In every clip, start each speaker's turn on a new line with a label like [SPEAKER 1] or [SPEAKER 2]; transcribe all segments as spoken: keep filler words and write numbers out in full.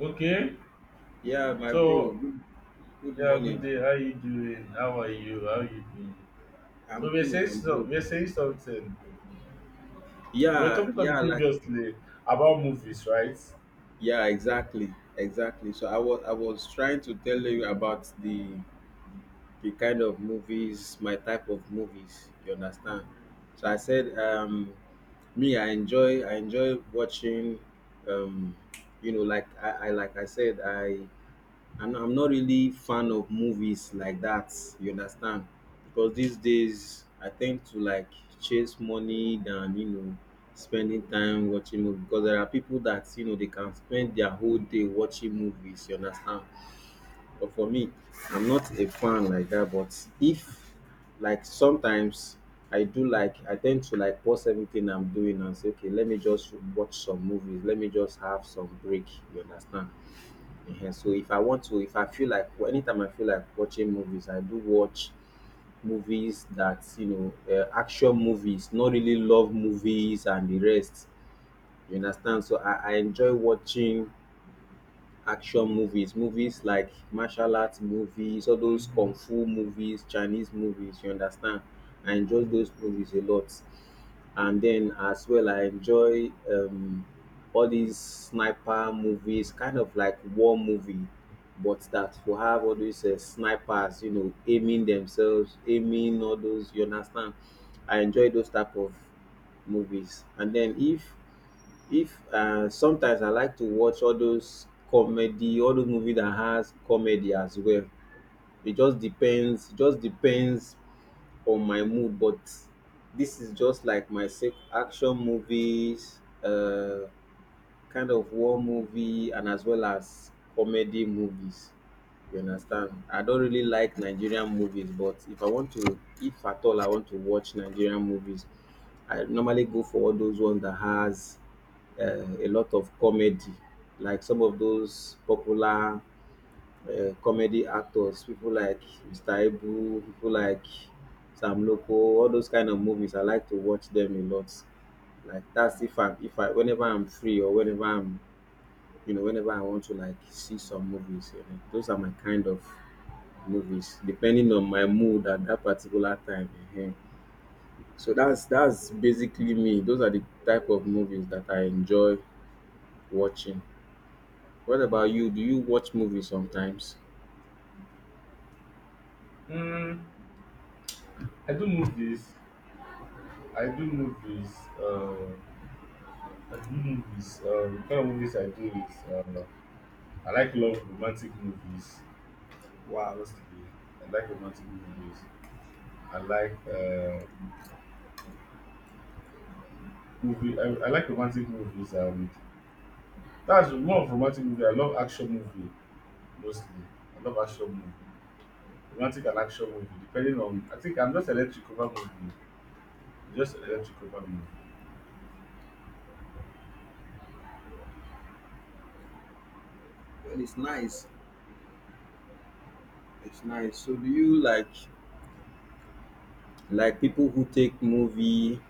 [SPEAKER 1] Okay,
[SPEAKER 2] Yeah, my bro.
[SPEAKER 1] so
[SPEAKER 2] Good, good
[SPEAKER 1] yeah,
[SPEAKER 2] morning.
[SPEAKER 1] good day. How you doing? How are you? How you doing?
[SPEAKER 2] I'm
[SPEAKER 1] So we're
[SPEAKER 2] good.
[SPEAKER 1] saying
[SPEAKER 2] I'm good.
[SPEAKER 1] some, we're saying something. We were
[SPEAKER 2] Yeah,
[SPEAKER 1] talking on the
[SPEAKER 2] yeah, like
[SPEAKER 1] previously about movies, right?
[SPEAKER 2] yeah, exactly, exactly. So I was I was trying to tell you about the the kind of movies, my type of movies. You understand? So I said, um, me, I enjoy I enjoy watching, um, you know, like I, I like I said, I and I'm not really fan of movies like that. You understand? Because these days I tend to like chase money than you know spending time watching movies. Because there are people that you know they can spend their whole day watching movies. You understand? But for me, I'm not a fan like that. But if like sometimes I do like I tend to like pause everything I'm doing and say, okay, let me just watch some movies. Let me just have some break. You understand? Ehen, so if I want to, if I feel like, well, anytime I feel like watching movies, I do watch movies that, you know, uh, action movies, not really love movies and the rest. You understand? So I, I enjoy watching action movies, movies like martial arts movies, all those
[SPEAKER 1] Mm-hmm.
[SPEAKER 2] kung fu movies, Chinese movies, you understand? I enjoy those movies a lot. And then as well, I enjoy um, all these sniper movies, kind of like war movie, but that will have all these uh, snipers, you know, aiming themselves, aiming all those, you understand? I enjoy those type of movies. And then if if uh, sometimes I like to watch all those comedy, all those movie that has comedy as well. It just depends. It just depends on my mood. But this is just like my sec- action movies. Uh, kind of war movie and as well as comedy movies. You understand? I don't really like Nigerian movies, but if I want to, if at all I want to watch Nigerian movies, I normally go for all those ones that has uh, a lot of comedy, like some of those popular uh, comedy actors, people like mister Ibu, people like Sam Loko, all those kind of movies. I like to watch them a lot. Like that's if I'm if I whenever I'm free or whenever I'm you know, whenever I want to like see some movies, you know, those are my kind of movies, depending on my mood at that particular time. Ehen. So that's that's basically me. Those are the type of movies that I enjoy watching. What about you? Do you watch movies sometimes?
[SPEAKER 1] Mm, I do movies. I do movies. Uh, I do movies. Um, the kind of movies I do is um, I like love romantic movies
[SPEAKER 2] Wow.
[SPEAKER 1] mostly. I like romantic movies. I like uh, movie. I, I like romantic movies and that's more of romantic movie. I love action movie mostly. I love action movie. Romantic and action movie depending on I think I'm just electric over movie. I'm just
[SPEAKER 2] Yeah.
[SPEAKER 1] electric over movie.
[SPEAKER 2] Well, it's nice. It's nice. So do you like like people who take movie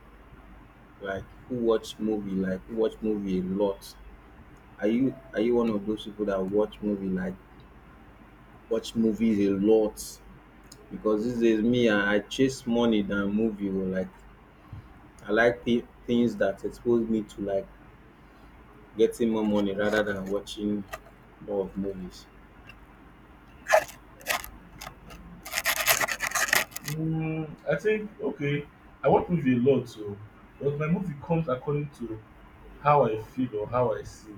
[SPEAKER 2] like who watch movie like who watch movie a lot? Are you are you one of those people that watch movie like watch movies a lot, because these days me I, I chase money than movie oh, like I like th- things that expose me to like getting more money rather than watching more of movies.
[SPEAKER 1] Mm, I think okay. I watch movie a lot, so but my movie comes according to how I feel or how I see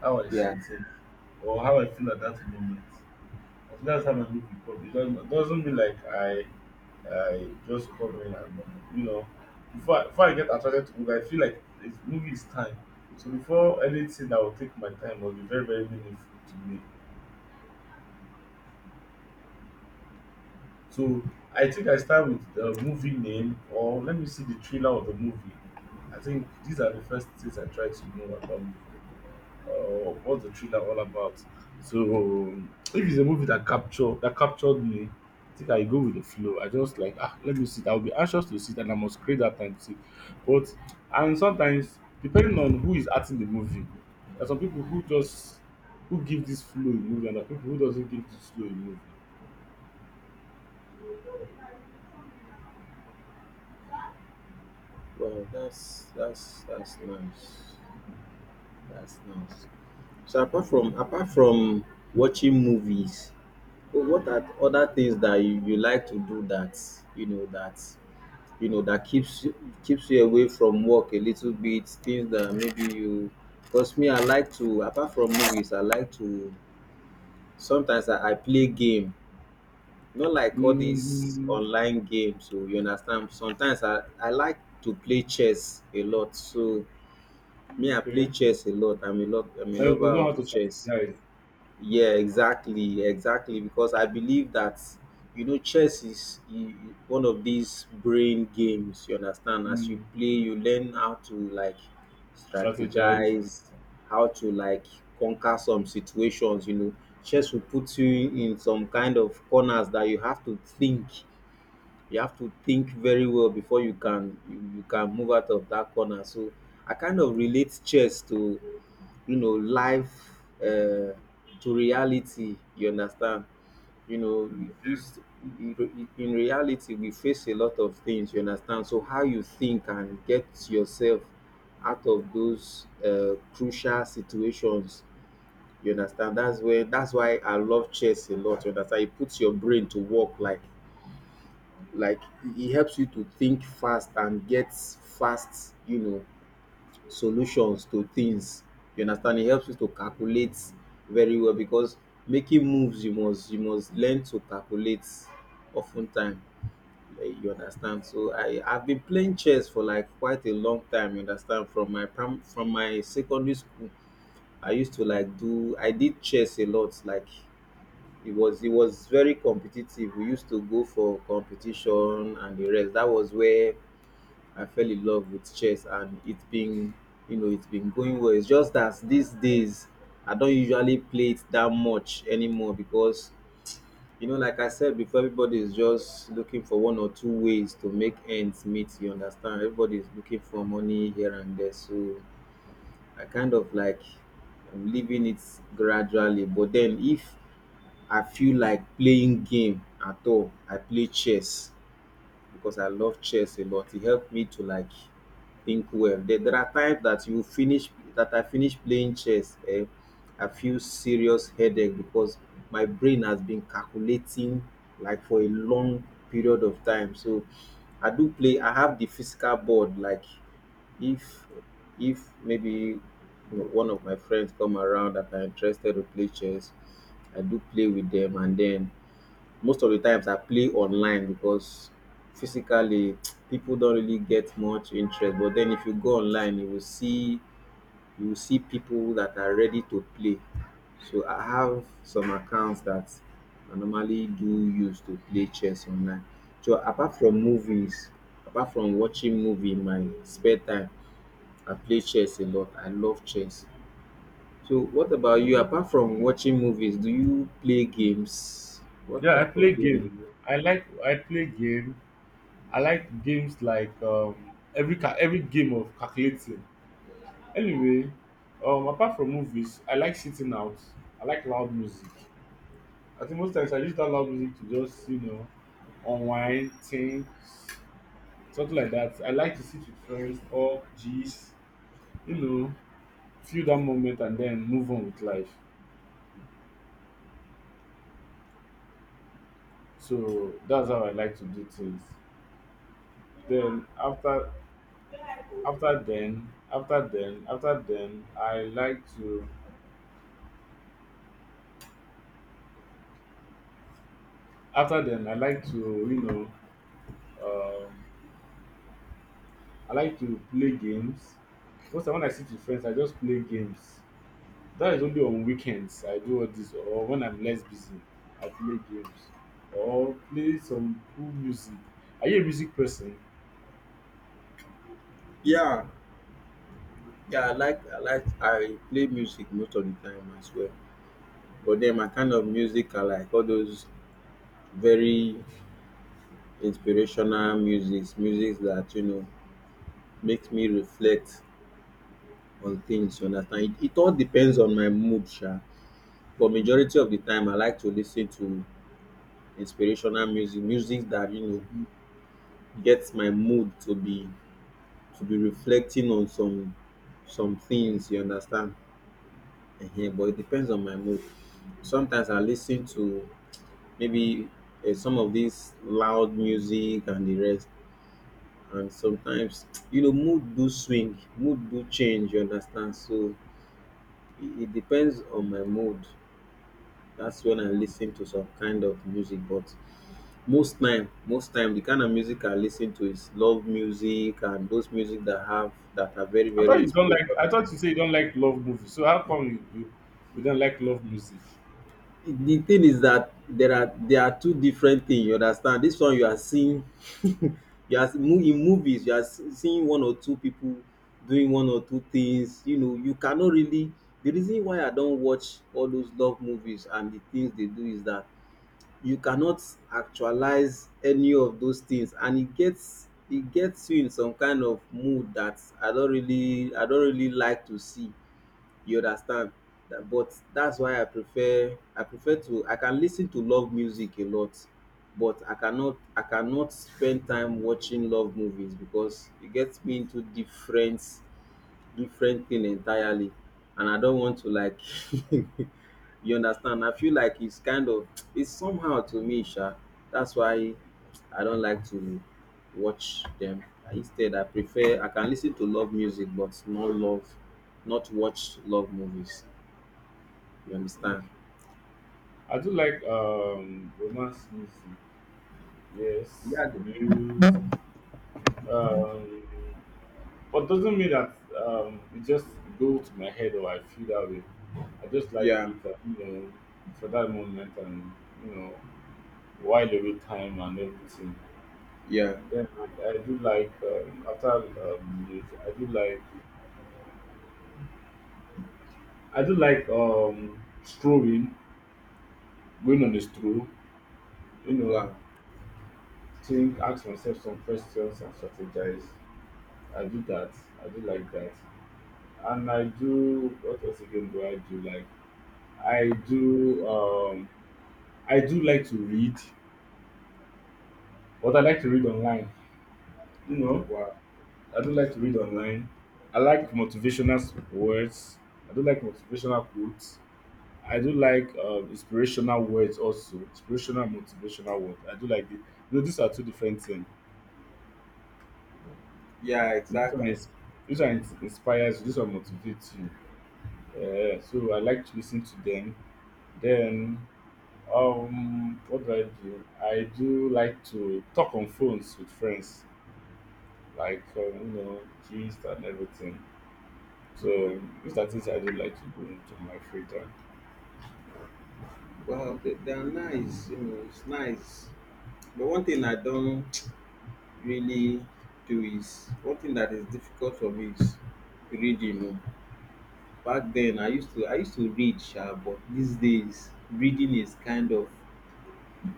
[SPEAKER 1] how I
[SPEAKER 2] Yeah.
[SPEAKER 1] see things or how I feel at that moment. I think that's how my movie comes. It doesn't, it doesn't mean like I I just come in and you know, before I, before I get attracted to movie, I feel like it's movie is time. So before anything that will take my time will be very very meaningful to me. So I think I start with the movie name or let me see the trailer of the movie. I think these are the first things I try to know about movie. Oh, what's the thriller all about? So, um, if it's a movie that capture that captured me, I think I go with the flow. I just like ah, let me sit. I'll be anxious to sit, and I must create that time to sit. But and sometimes depending on who is acting the movie, there are some people who just who give this flow in movie, and there are people who doesn't give this flow in movie.
[SPEAKER 2] Well that's that's that's nice. That's nice. So apart from apart from watching movies, wh- what
[SPEAKER 1] Mm.
[SPEAKER 2] are th- other things that you, you like to do, that you know that you know that keeps you keeps you away from work a little bit, things that maybe you, because me I like to, apart from movies I like to, sometimes i, I play game, not like all these
[SPEAKER 1] Mm.
[SPEAKER 2] online games, so you understand sometimes i i like to play chess a lot. So me I play
[SPEAKER 1] Okay,
[SPEAKER 2] chess a lot, i'm a lot I'm a
[SPEAKER 1] then we
[SPEAKER 2] lover
[SPEAKER 1] know how to
[SPEAKER 2] of chess.
[SPEAKER 1] strategize.
[SPEAKER 2] Yeah, exactly, exactly, because I believe that you know chess is i- i- one of these brain games, you understand? As you
[SPEAKER 1] Mm.
[SPEAKER 2] play you learn how to like
[SPEAKER 1] Strategize.
[SPEAKER 2] strategize, how to like conquer some situations, you know chess will put you in some kind of corners that you have to think, you have to think very well before you can you, you can move out of that corner. So I kind of relate chess to you know life, uh, to reality. You understand? You know, this in reality we face a lot of things. You understand? So how you think and get yourself out of those uh, crucial situations. You understand? That's where that's why I love chess a lot. You understand? It puts your brain to work, like like it it helps you to think fast and get fast you know solutions to things, you understand it helps you to calculate very well because making moves you must you must learn to calculate often time, eh, you understand. So i i've been playing chess for like quite a long time, you understand, from my prim from my secondary school. I used to like do I did chess a lot, like it was it was very competitive. We used to go for competition and the rest. That was where I fell in love with chess, and it's been you know it's been going well. It's just that these days I don't usually play it that much anymore because you know, like I said before, everybody is just looking for one or two ways to make ends meet. You understand? Everybody is looking for money here and there, so I kind of like I'm leaving it gradually. But then if I feel like playing game at all I play chess, because I love chess a lot. It helped me to like think well. There, there are times that you finish that I finish playing chess, eh, I feel serious headache because my brain has been calculating like for a long period of time. So I do play. I have the physical board. Like if if maybe you know, one of my friends come around that are interested to play chess, I do play with them, and then most of the times I play online because physically people don't really get much interest. But then if you go online, you will see you will see people that are ready to play. So I have some accounts that I normally do use to play chess online. So apart from movies, apart from watching movie in my spare time, I play chess a lot. I love chess. So what about you? Apart from watching movies, do you play games? What
[SPEAKER 1] Yeah, I
[SPEAKER 2] type of
[SPEAKER 1] play
[SPEAKER 2] game do
[SPEAKER 1] game.
[SPEAKER 2] you?
[SPEAKER 1] I like I play game. I like games like um, every ca- every game of calculating. Anyway, um, apart from movies, I like sitting out. I like loud music. I think most times I use that loud music to just you know unwind, think, something like that. I like to sit with friends, talk, gist, you know, feel that moment and then move on with life. So that's how I like to do things. Then after after then after then after then I like to After then, I like to, you know, um, I like to play games. Most time when I sit with friends, I just play games. That is only on weekends I do all this, or when I'm less busy, I play games or play some cool music. Are you a music person?
[SPEAKER 2] Yeah, yeah, I like I like I play music most of the time as well. But then my kind of music, I like all those very inspirational musics, musics that you know makes me reflect on things. You understand? It, it all depends on my mood, sha. But majority of the time, I like to listen to inspirational music, music that you know gets my mood to be to be reflecting on some some things. You understand? Yeah, but it depends on my mood. Sometimes I listen to maybe uh, some of this loud music and the rest. And sometimes, you know, mood do swing, mood do change, you understand? So it, it depends on my mood. That's when I listen to some kind of music. But most time, most time, the kind of music I listen to is love music and those music that have that are very,
[SPEAKER 1] I
[SPEAKER 2] very
[SPEAKER 1] thought you don't like. I thought
[SPEAKER 2] inspirational.
[SPEAKER 1] you say you don't like love movies. So how come you you, you don't like love music?
[SPEAKER 2] The thing is that there are there are two different things, you understand, this one you are seeing, you are mo- in movies you are see- seeing one or two people doing one or two things, you know you cannot really, the reason why I don't watch all those love movies and the things they do is that you cannot actualize any of those things, and it gets it gets you in some kind of mood that i don't really I don't really like to see, you understand. That, but that's why i prefer I prefer to, I can listen to love music a lot but i cannot I cannot spend time watching love movies, because it gets me into different different thing entirely, and I don't want to like you understand. I feel like it's kind of, it's somehow to me, sha. That's why I don't like to watch them. Instead I prefer I can listen to love music but not love not watch love movies. You understand?
[SPEAKER 1] I do like um romance music. Yes,
[SPEAKER 2] Yeah th-
[SPEAKER 1] blues. Um, But doesn't mean that um, it just go to my head or I feel that way. I just like
[SPEAKER 2] yeah,
[SPEAKER 1] it, uh, you know, for that moment and you know, while away time and everything.
[SPEAKER 2] yeah.
[SPEAKER 1] Then I, I do like um, after um, years, I do like I do like um strolling, going on the stroll, you know,
[SPEAKER 2] Wow.
[SPEAKER 1] think, ask myself some questions and strategize. I do that. I do like that, and I do. What else again do I do like? I do. Um, I do like to read, but I like to read online. You know,
[SPEAKER 2] Wow.
[SPEAKER 1] I do like to read online. I like motivational s- words. I do like motivational quotes. I do like um, inspirational words also. Inspirational and motivational words. I do like it. You know, these are two different things.
[SPEAKER 2] Yeah,
[SPEAKER 1] This one
[SPEAKER 2] exactly.
[SPEAKER 1] is this one ins- inspires you. This one motivates you. Uh, so I like to listen to them. Then, um, what do I do? I do like to talk on phones with friends, like um, you know, gist and everything. So these are things I do like to do into my free time.
[SPEAKER 2] Well they, they're nice, you know, it's nice. But one thing I don't really do, is one thing that is difficult for me, is reading. Oh. Back then I used to I used to read sha, but these days reading is kind of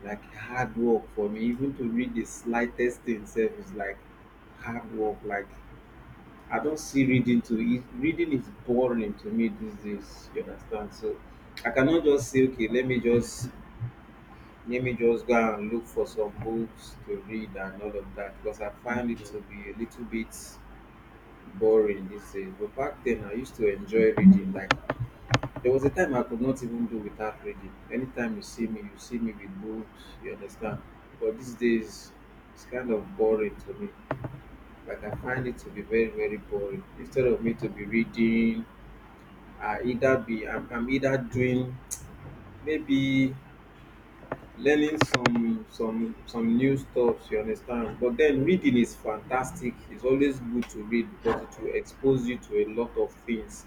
[SPEAKER 2] like hard work for me. Even to read the slightest thing sef is like hard work. Like I don't see reading to it, reading is boring to me these days. You understand? So I cannot just say okay let me just let me just go and look for some books to read and all of that, because I find it
[SPEAKER 1] Mhm.
[SPEAKER 2] to be a little bit boring these days. But back then, I used to enjoy reading. Like there was a time I could not even do without reading. Anytime you see me, you see me with books. You understand? But these days, it's kind of boring to me. Like I find it to be very, very boring. Instead of me to be reading, I either be I'm, I'm either doing maybe learning some some some new stuff. You understand? But then reading is fantastic. It's always good to read because it will expose you to a lot of things,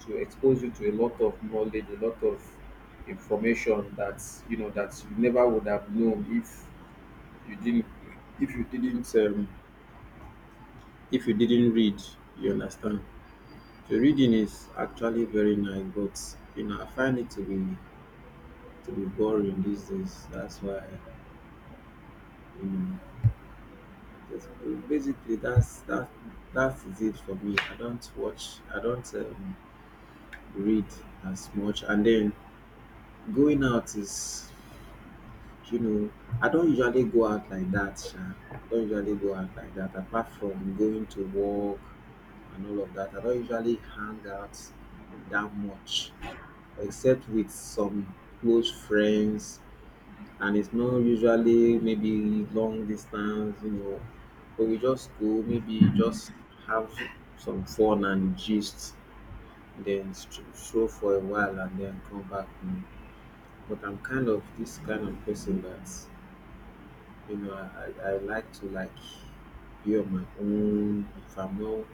[SPEAKER 2] it will expose you to a lot of knowledge, a lot of information that you know that you never would have known if you didn't if you didn't um, if you didn't read. You understand? So reading is actually very nice, but you know I find it to be to be boring these days. That's why you know. that's- Basically, that's that. That is it for me. I don't watch. I don't um, read as much, and then going out is you know, I don't usually go out like that, sha. I don't usually go out like that, apart from going to work and all of that. I don't usually hang out that much, except with some close friends, and it's not usually maybe long distance, you know. But we just go, maybe just have some fun and gist, then st- stroll for a while and then come back. home. But I'm kind of this kind of person that, you know, I, I I like to like be on my own. If I'm not,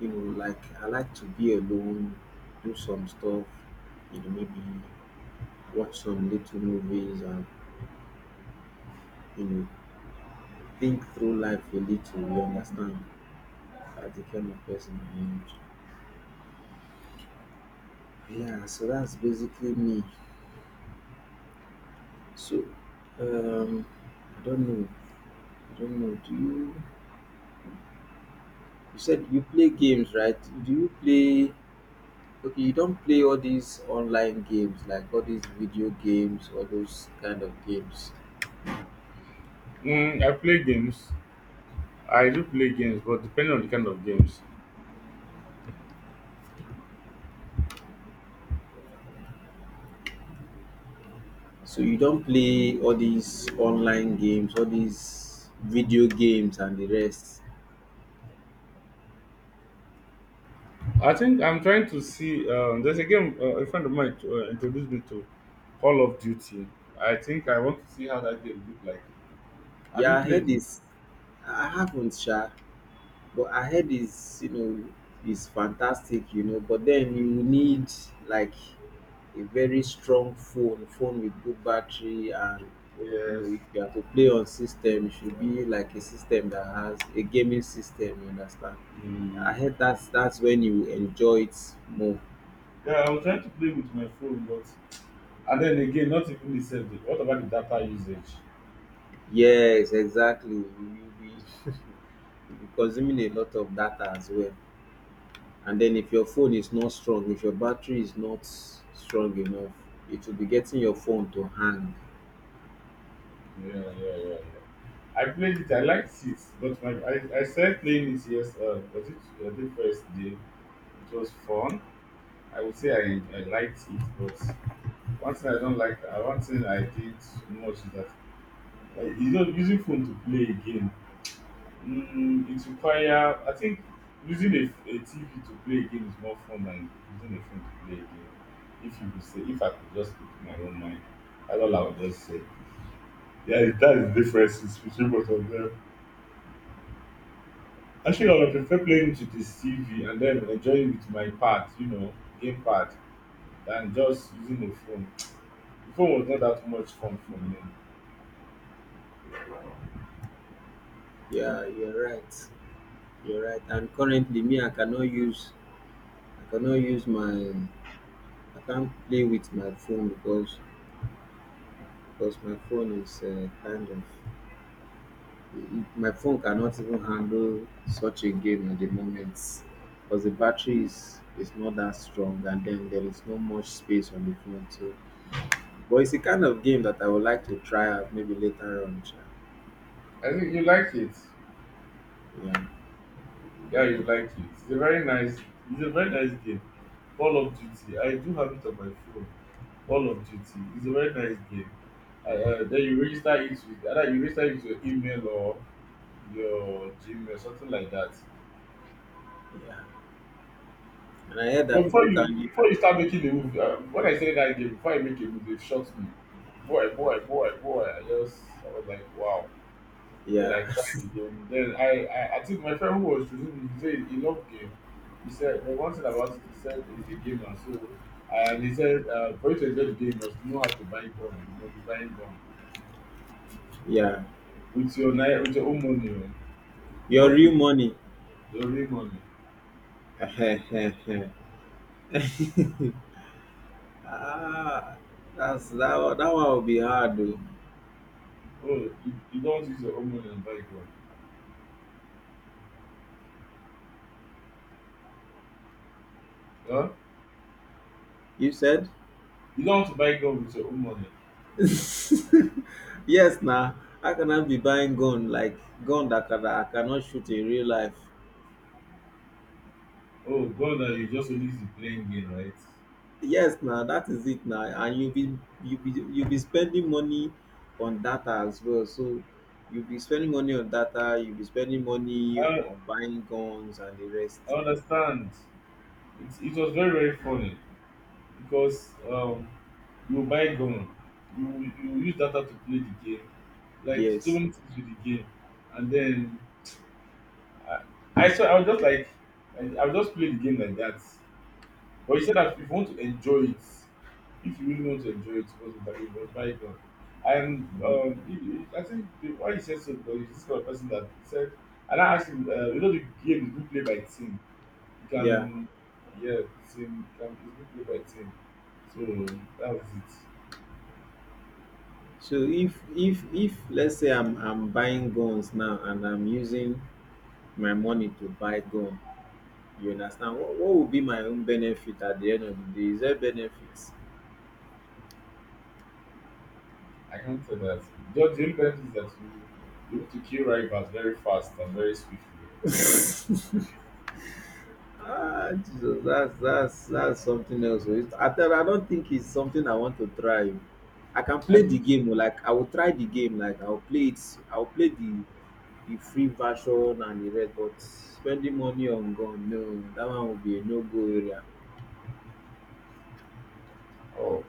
[SPEAKER 2] you know, like I like to be alone, do some stuff, you know, maybe watch some little movies and, you know, think through life a little. You understand? That's the kind of person I am. Yeah, so that's basically me. So, um, I don't know. I don't know. Do you? You said you play games, right? Do you play Okay, you don't play all these online games, like all these video games, all those kind of games.
[SPEAKER 1] Mm, I play games. I do play games, but depending on the kind of games.
[SPEAKER 2] So you don't play all these online games, all these video games and the rest.
[SPEAKER 1] I think I'm trying to see. Um, there's a game uh, a friend of mine uh, introduced me to, Call of Duty. I think I want to see how that game look like. Have
[SPEAKER 2] Yeah,
[SPEAKER 1] you
[SPEAKER 2] I
[SPEAKER 1] played
[SPEAKER 2] heard
[SPEAKER 1] it?
[SPEAKER 2] is I haven't sha, but I heard is, you know, is fantastic, you know. But then you need like a very strong phone, phone with good battery and, you know,
[SPEAKER 1] Yes.
[SPEAKER 2] if you are to play on system, it should be like a system that has a gaming system, you understand?
[SPEAKER 1] Mm.
[SPEAKER 2] I heard that's that's when you enjoy it more.
[SPEAKER 1] Yeah, I was trying to play with my phone, but and then again, not even the same. What about the data usage?
[SPEAKER 2] Yes, exactly. You will be you'll be consuming a lot of data as well. And then if your phone is not strong, if your battery is not strong enough, it will be getting your phone to hang.
[SPEAKER 1] Yeah, yeah, yeah, yeah. I played it. I liked it, but my I, I started playing it. Yes, uh, was it uh, the first day? It was fun. I would say I, I liked it, but one thing I don't like, uh, one thing I did much is that like, you know using phone to play a game. Mm, it require. I think using a, a T V to play a game is more fun than using a phone to play a game. If you could say, if I could just speak my own mind, that's all I would just say. Yeah, that is the difference between both of them. Actually, I would prefer playing to the T V and then enjoying with my pad, you know, game pad, than just using the phone. The phone was not that much fun for me.
[SPEAKER 2] Yeah, you're right. You're right. And currently me I cannot use I cannot use my I can't play with my phone because because my phone is uh, kind of, it- my phone cannot even handle such a game at the moment because the battery is is not that strong and then there is no much space on the phone, so but it's a kind of game that I would like to try out maybe later on sha.
[SPEAKER 1] I think you like it.
[SPEAKER 2] Yeah.
[SPEAKER 1] Yeah, you like it. It's a very nice. It's a very nice game. Call of Duty. I do have it on my phone. Call of Duty. It's a very nice game. Uh, uh, then you register it with either you register it with your email or your Gmail, something like that.
[SPEAKER 2] Yeah, and I heard
[SPEAKER 1] But
[SPEAKER 2] that
[SPEAKER 1] before
[SPEAKER 2] people can
[SPEAKER 1] you
[SPEAKER 2] you
[SPEAKER 1] before
[SPEAKER 2] can.
[SPEAKER 1] you start making a move, um, when I saw that game, before I make a move, they shot me. Boy, boy, boy, boy. I just I was like, wow. Then
[SPEAKER 2] Yeah.
[SPEAKER 1] I tried again. Then I I, I think my friend who was choosing me, he said he loved game. He said, but one thing about it, he said he's a gamer. So and he said, uh, for you to enjoy the game, you must know how to buy gun. You must be buying gun
[SPEAKER 2] Yeah,
[SPEAKER 1] with your ni- with your own money, oh,
[SPEAKER 2] your
[SPEAKER 1] not
[SPEAKER 2] real
[SPEAKER 1] with
[SPEAKER 2] money.
[SPEAKER 1] your real money.
[SPEAKER 2] Ah, that's that, one- that one will be hard though.
[SPEAKER 1] Oh, you, you don't use your own money and buy gun. Huh?
[SPEAKER 2] You said.
[SPEAKER 1] You don't want to buy gun with your own money.
[SPEAKER 2] Yes na, how can I be buying gun like gun that can, I cannot shoot in real life?
[SPEAKER 1] Oh God, that you just only the playing game, right?
[SPEAKER 2] Yes, now that is it now. And you be you be you be spending money on data as well, so you be spending money on data, you be spending money
[SPEAKER 1] I,
[SPEAKER 2] on buying guns and the rest.
[SPEAKER 1] I understand. It, it was very very funny because um, you buy gun, you you use data to play the game, like so
[SPEAKER 2] Yes.
[SPEAKER 1] many things with the game, and then I, I saw I was just like I, I was just playing the game like that. But you said that if you want to enjoy it, if you really want to enjoy it, you must buy, you must buy it. Now. And um, he- he- I think the, why he said so because he's this kind of person that he said, and I asked him, uh, you know, the game is being played by team. You
[SPEAKER 2] Yeah,
[SPEAKER 1] can, yeah, team you can it's being played by team. So that was it.
[SPEAKER 2] so if if if let's say i'm i'm buying guns now and I'm using my money to buy gun. You understand? What, what will be my own benefit at the end of the day? Is there benefits?
[SPEAKER 1] I can't tell that. Just the only benefit is that you you have to kill rivals very fast and very swiftly.
[SPEAKER 2] Ah, Jesus, that's that's that's something else. Oh. It's- I tell you, I don't think it's something I want to try. I can
[SPEAKER 1] I
[SPEAKER 2] play the
[SPEAKER 1] think.
[SPEAKER 2] game, oh, like I will try the game, like I'll play it. I'll play the the free version and the red, but spending money on gun, no, that one will be a no go area.
[SPEAKER 1] Oh,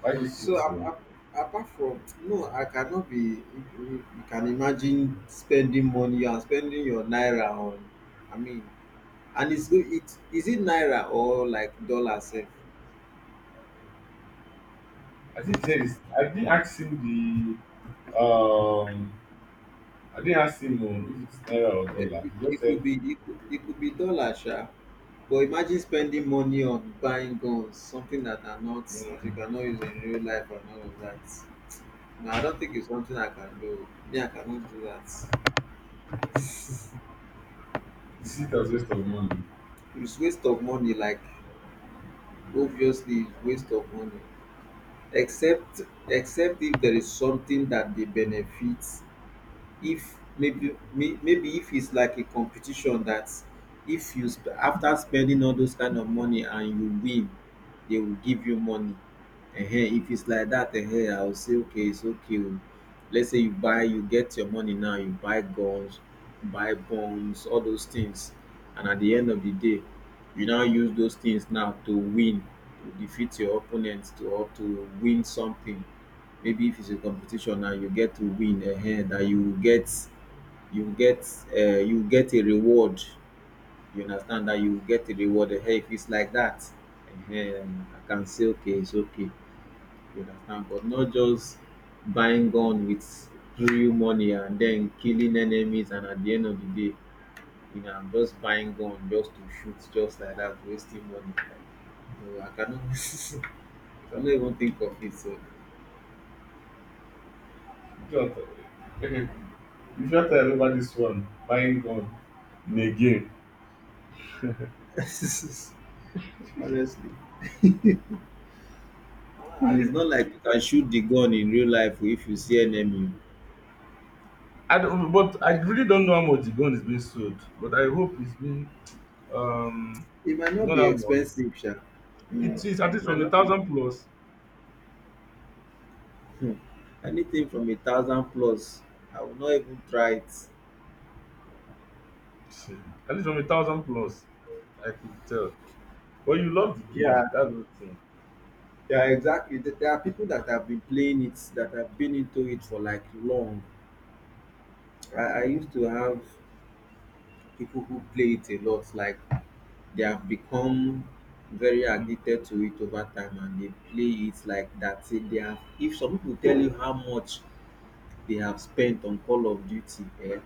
[SPEAKER 1] why do you
[SPEAKER 2] So
[SPEAKER 1] seem so?
[SPEAKER 2] ap ap apart from no, I cannot be, you you you can imagine spending money and spending your naira on, I mean, and it's go it is it naira or like dollar sef?
[SPEAKER 1] I think he said this. I didn't ask him the um I didn't ask him um, if it's naira or
[SPEAKER 2] Eh,
[SPEAKER 1] dollar.
[SPEAKER 2] It
[SPEAKER 1] He just
[SPEAKER 2] it could
[SPEAKER 1] said,
[SPEAKER 2] be, it could it could be dollar sha, but imagine spending money on buying guns, something that are not that you cannot
[SPEAKER 1] mm,
[SPEAKER 2] use in real life and all of that. No, I don't think it's something I can do. Me, I cannot do that.
[SPEAKER 1] "You see, it as waste of money."
[SPEAKER 2] It's waste of money, like obviously it's waste of money. except except if there is something that they benefit, if maybe may- maybe if it's like a competition that if you sp- after spending all those kind of money and you win, they will give you money. Ehen, if it's like that, ehen, I will say, okay, it's okay. Oh. Let's say you buy, you get your money now, you buy guns, buy bombs, all those things. And at the end of the day, you now use those things now to win, to defeat your opponent, to or to win something. Maybe if it's a competition now, you get to win ahead that you will get you will get uh, you will get a reward. You understand that you will get a reward ahead if it's like that. Ehen, I can say okay, it's okay. You understand? But not just buying gun with real money and then killing enemies and at the end of the day, you know, I'm just buying gun just to shoot just like that, wasting money. You know, I cannot I cannot even think of it. So.
[SPEAKER 1] If you want to if you want to remember this one, buying gun in a game.
[SPEAKER 2] Honestly. And it's not like you can
[SPEAKER 1] Like,
[SPEAKER 2] shoot the gun in real life if you see enemy.
[SPEAKER 1] I don't, but I really don't know how much the gun is being sold. But I hope it's being um,
[SPEAKER 2] It might not
[SPEAKER 1] not
[SPEAKER 2] be
[SPEAKER 1] that much.
[SPEAKER 2] expensive, sha. Mm.
[SPEAKER 1] It is at
[SPEAKER 2] It
[SPEAKER 1] least
[SPEAKER 2] might
[SPEAKER 1] from a
[SPEAKER 2] not be
[SPEAKER 1] thousand plus.
[SPEAKER 2] anything from a thousand plus. I will not even try it.
[SPEAKER 1] See. At least from a thousand plus, I could tell. But you love the game.
[SPEAKER 2] Yeah,
[SPEAKER 1] That's the thing.
[SPEAKER 2] yeah, exactly. Th- There are people that have been playing it, that have been into it for like long. I, I used to have people who play it a lot, like they have become very addicted to it over time and they play it like that. Say they have, if some people tell you how much they have spent on Call of Duty, eh,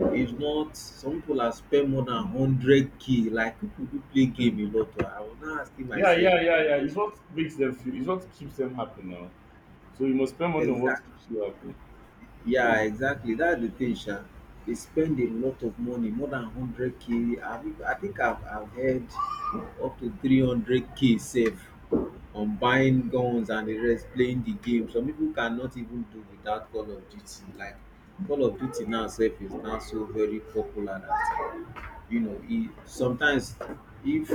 [SPEAKER 2] it's not, some people have spent more than one hundred k. Like people who play game a
[SPEAKER 1] Mhm.
[SPEAKER 2] lot, I was now asking
[SPEAKER 1] Yeah,
[SPEAKER 2] myself.
[SPEAKER 1] yeah, yeah, yeah. It's what makes them feel. It's what keeps them happy now. So you must spend money on what
[SPEAKER 2] Exactly.
[SPEAKER 1] keeps you happy.
[SPEAKER 2] Yeah, exactly. That's the thing, Sha. They spend a lot of money, more than one hundred k. I, think I think I've, I've heard up to three hundred k safe on buying guns and the rest, playing the game. Some people cannot even do without Call of Duty. Like, Call of Duty now, safe is now so very popular that, you know, it, sometimes, if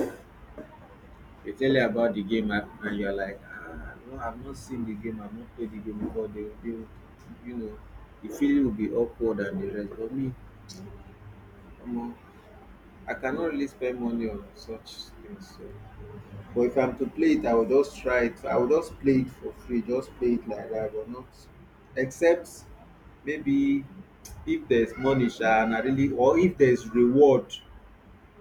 [SPEAKER 2] they tell you about the game and and you're like, ah, no, I've not seen the game, I've not played the game before, they, they, you know, the feeling will be awkward and the rest. But me, Omo, I cannot really spend money on such things. So. But if I'm to play it, I will just try it. I will just play it for free. Just play it like that, but not. Except maybe if there's money, sha, and I really, or if there's reward.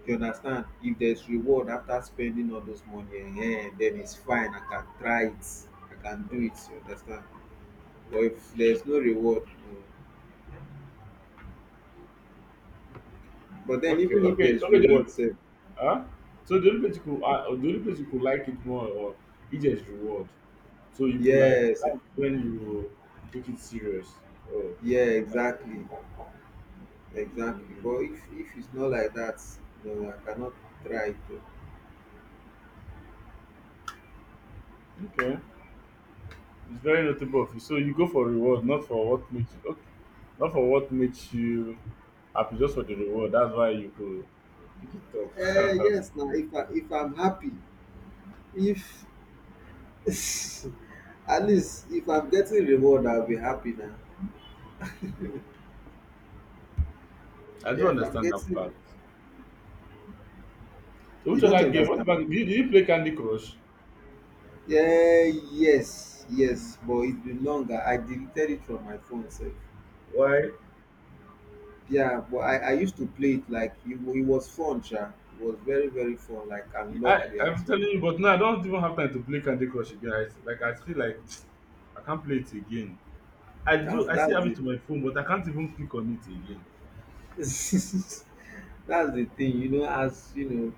[SPEAKER 2] You understand? If there's reward after spending all those money, eh, then it's fine. I can try it. I can do it. You understand? But if there's no reward, no. But then
[SPEAKER 1] Okay,
[SPEAKER 2] even if
[SPEAKER 1] okay, okay. The
[SPEAKER 2] there's
[SPEAKER 1] only,
[SPEAKER 2] reward, sef,
[SPEAKER 1] huh? So the only place you could, uh, the only place you could like it more or it is reward. So you could like
[SPEAKER 2] yes,
[SPEAKER 1] that's when you take it serious. Oh,
[SPEAKER 2] yeah,
[SPEAKER 1] I
[SPEAKER 2] exactly.
[SPEAKER 1] see.
[SPEAKER 2] Exactly.
[SPEAKER 1] Mhm.
[SPEAKER 2] But if, if it's not like that, you know, I cannot try to.
[SPEAKER 1] Okay, it's very notable of you. So you go for reward, not for what makes you okay, not for what makes you happy, just for the reward. That's why you could pick it up.
[SPEAKER 2] Uh, yes, now if I if I'm happy, if at least if I'm getting reward, I'll be happy now.
[SPEAKER 1] Mm. I do
[SPEAKER 2] Yeah, if I'm
[SPEAKER 1] understand that
[SPEAKER 2] getting,
[SPEAKER 1] fact. So
[SPEAKER 2] you
[SPEAKER 1] which
[SPEAKER 2] don't
[SPEAKER 1] other game? What
[SPEAKER 2] understand.
[SPEAKER 1] about did you, did you play Candy Crush?
[SPEAKER 2] Yeah, yes, yes. But it's been longer. I deleted it from my phone. So
[SPEAKER 1] Why?
[SPEAKER 2] yeah, but I, I used to play it like it, wa- it was fun, sha. It was very very fun. Like and
[SPEAKER 1] I
[SPEAKER 2] lovely as
[SPEAKER 1] I'm
[SPEAKER 2] well.
[SPEAKER 1] telling you, but now I don't even have time to play Candy Crush again. I, like I feel like I can't play it again. I
[SPEAKER 2] That's
[SPEAKER 1] do. I
[SPEAKER 2] that's
[SPEAKER 1] still have
[SPEAKER 2] the
[SPEAKER 1] it on my phone, but I can't even click on it again.
[SPEAKER 2] that's the thing, you know, as you know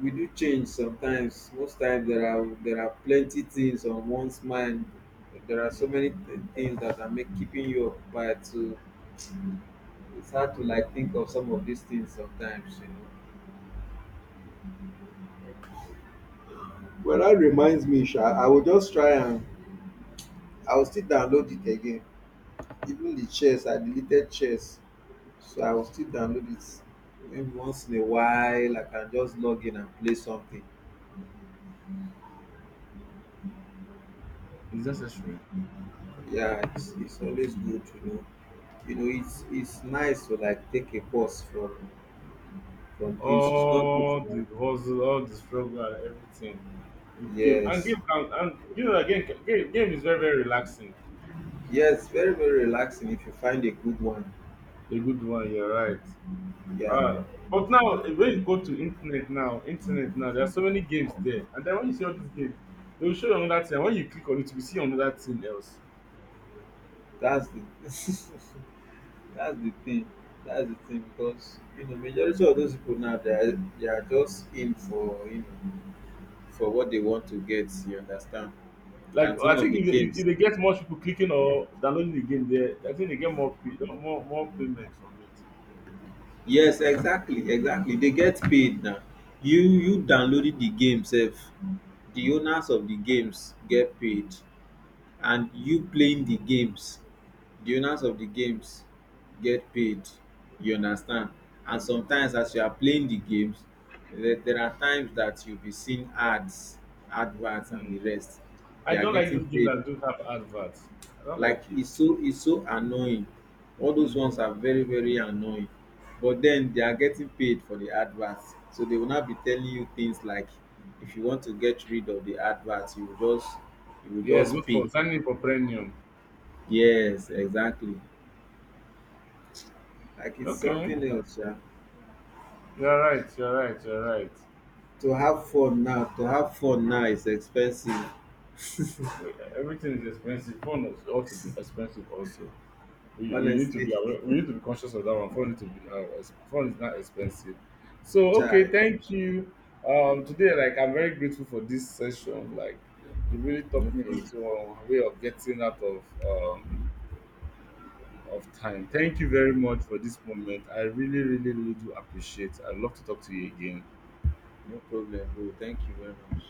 [SPEAKER 2] we do change sometimes, most times there are, there are plenty things on one's mind, there are so
[SPEAKER 1] Mm.
[SPEAKER 2] many th- things that are make keeping you occupied, so it's hard to like think of some of these things sometimes, you know. Well, that reminds me, Sha. I will just try and I will still download it again. Even the chess, I deleted chess, so I will still download it. Maybe once in a while I can just log in and play something.
[SPEAKER 1] It's necessary.
[SPEAKER 2] Yeah, it's, it's always good, you know, you know it's it's nice to like take a pause from from things. It's not good
[SPEAKER 1] All
[SPEAKER 2] to
[SPEAKER 1] the
[SPEAKER 2] like
[SPEAKER 1] hustle, all the struggle, and everything with game and
[SPEAKER 2] yes,
[SPEAKER 1] game count and you know again game, game is very very relaxing.
[SPEAKER 2] yes, very very relaxing if you find a good one.
[SPEAKER 1] A good one, you're right.
[SPEAKER 2] Yeah,
[SPEAKER 1] Uh, but now when you go to internet now, internet now, there are so many games there, and then when you see all these games, they will show you another thing. And when you click on it, you will see another thing else.
[SPEAKER 2] that's the that's the thing that's the thing because, you know, majority of those people now, they are, they are just in for, you know, for what they want to get, you understand?
[SPEAKER 1] Like
[SPEAKER 2] And
[SPEAKER 1] I
[SPEAKER 2] some of
[SPEAKER 1] think
[SPEAKER 2] the
[SPEAKER 1] if, if, if
[SPEAKER 2] games,
[SPEAKER 1] they get more people clicking or downloading the game, there I think they get more pay, more more payment from it.
[SPEAKER 2] yes, exactly, exactly, they get paid now. you you downloaded the game sef, the owners of the games get paid, and you playing the games, the owners of the games get paid, you understand? And sometimes as you are playing the games, there, there are times that you be seeing ads, adverts and the rest,
[SPEAKER 1] I
[SPEAKER 2] they are
[SPEAKER 1] don't like
[SPEAKER 2] getting
[SPEAKER 1] those games
[SPEAKER 2] paid.
[SPEAKER 1] that don't have adverts. I don't like
[SPEAKER 2] Like
[SPEAKER 1] it.
[SPEAKER 2] it's so, it's so annoying, all those
[SPEAKER 1] Mm-hmm.
[SPEAKER 2] ones are very very annoying. But then they are getting paid for the adverts, so they will not be telling you things like if you want to get rid of the adverts, you will just you will
[SPEAKER 1] Yeah,
[SPEAKER 2] just
[SPEAKER 1] good
[SPEAKER 2] pay.
[SPEAKER 1] for signing in for premium.
[SPEAKER 2] Yes, exactly. Like it's
[SPEAKER 1] Okay,
[SPEAKER 2] something else, yeah.
[SPEAKER 1] you're right. You're right. You're right.
[SPEAKER 2] To have fun now to have fun now is expensive.
[SPEAKER 1] Everything is expensive. Phone is ought to be expensive also. we, we need to
[SPEAKER 2] Honestly.
[SPEAKER 1] be aware, we need to be conscious of that one. Phone need to be uh, ex- phone is not expensive. So okay,
[SPEAKER 2] Chai.
[SPEAKER 1] thank you. Um, today like I'm very grateful for this session. Like you really
[SPEAKER 2] No
[SPEAKER 1] talked me
[SPEAKER 2] problem.
[SPEAKER 1] into a way of getting out of um of time. Thank you very much for this moment. I really really really do appreciate. I'd love to talk to you again.
[SPEAKER 2] No problem, bro, thank you very much.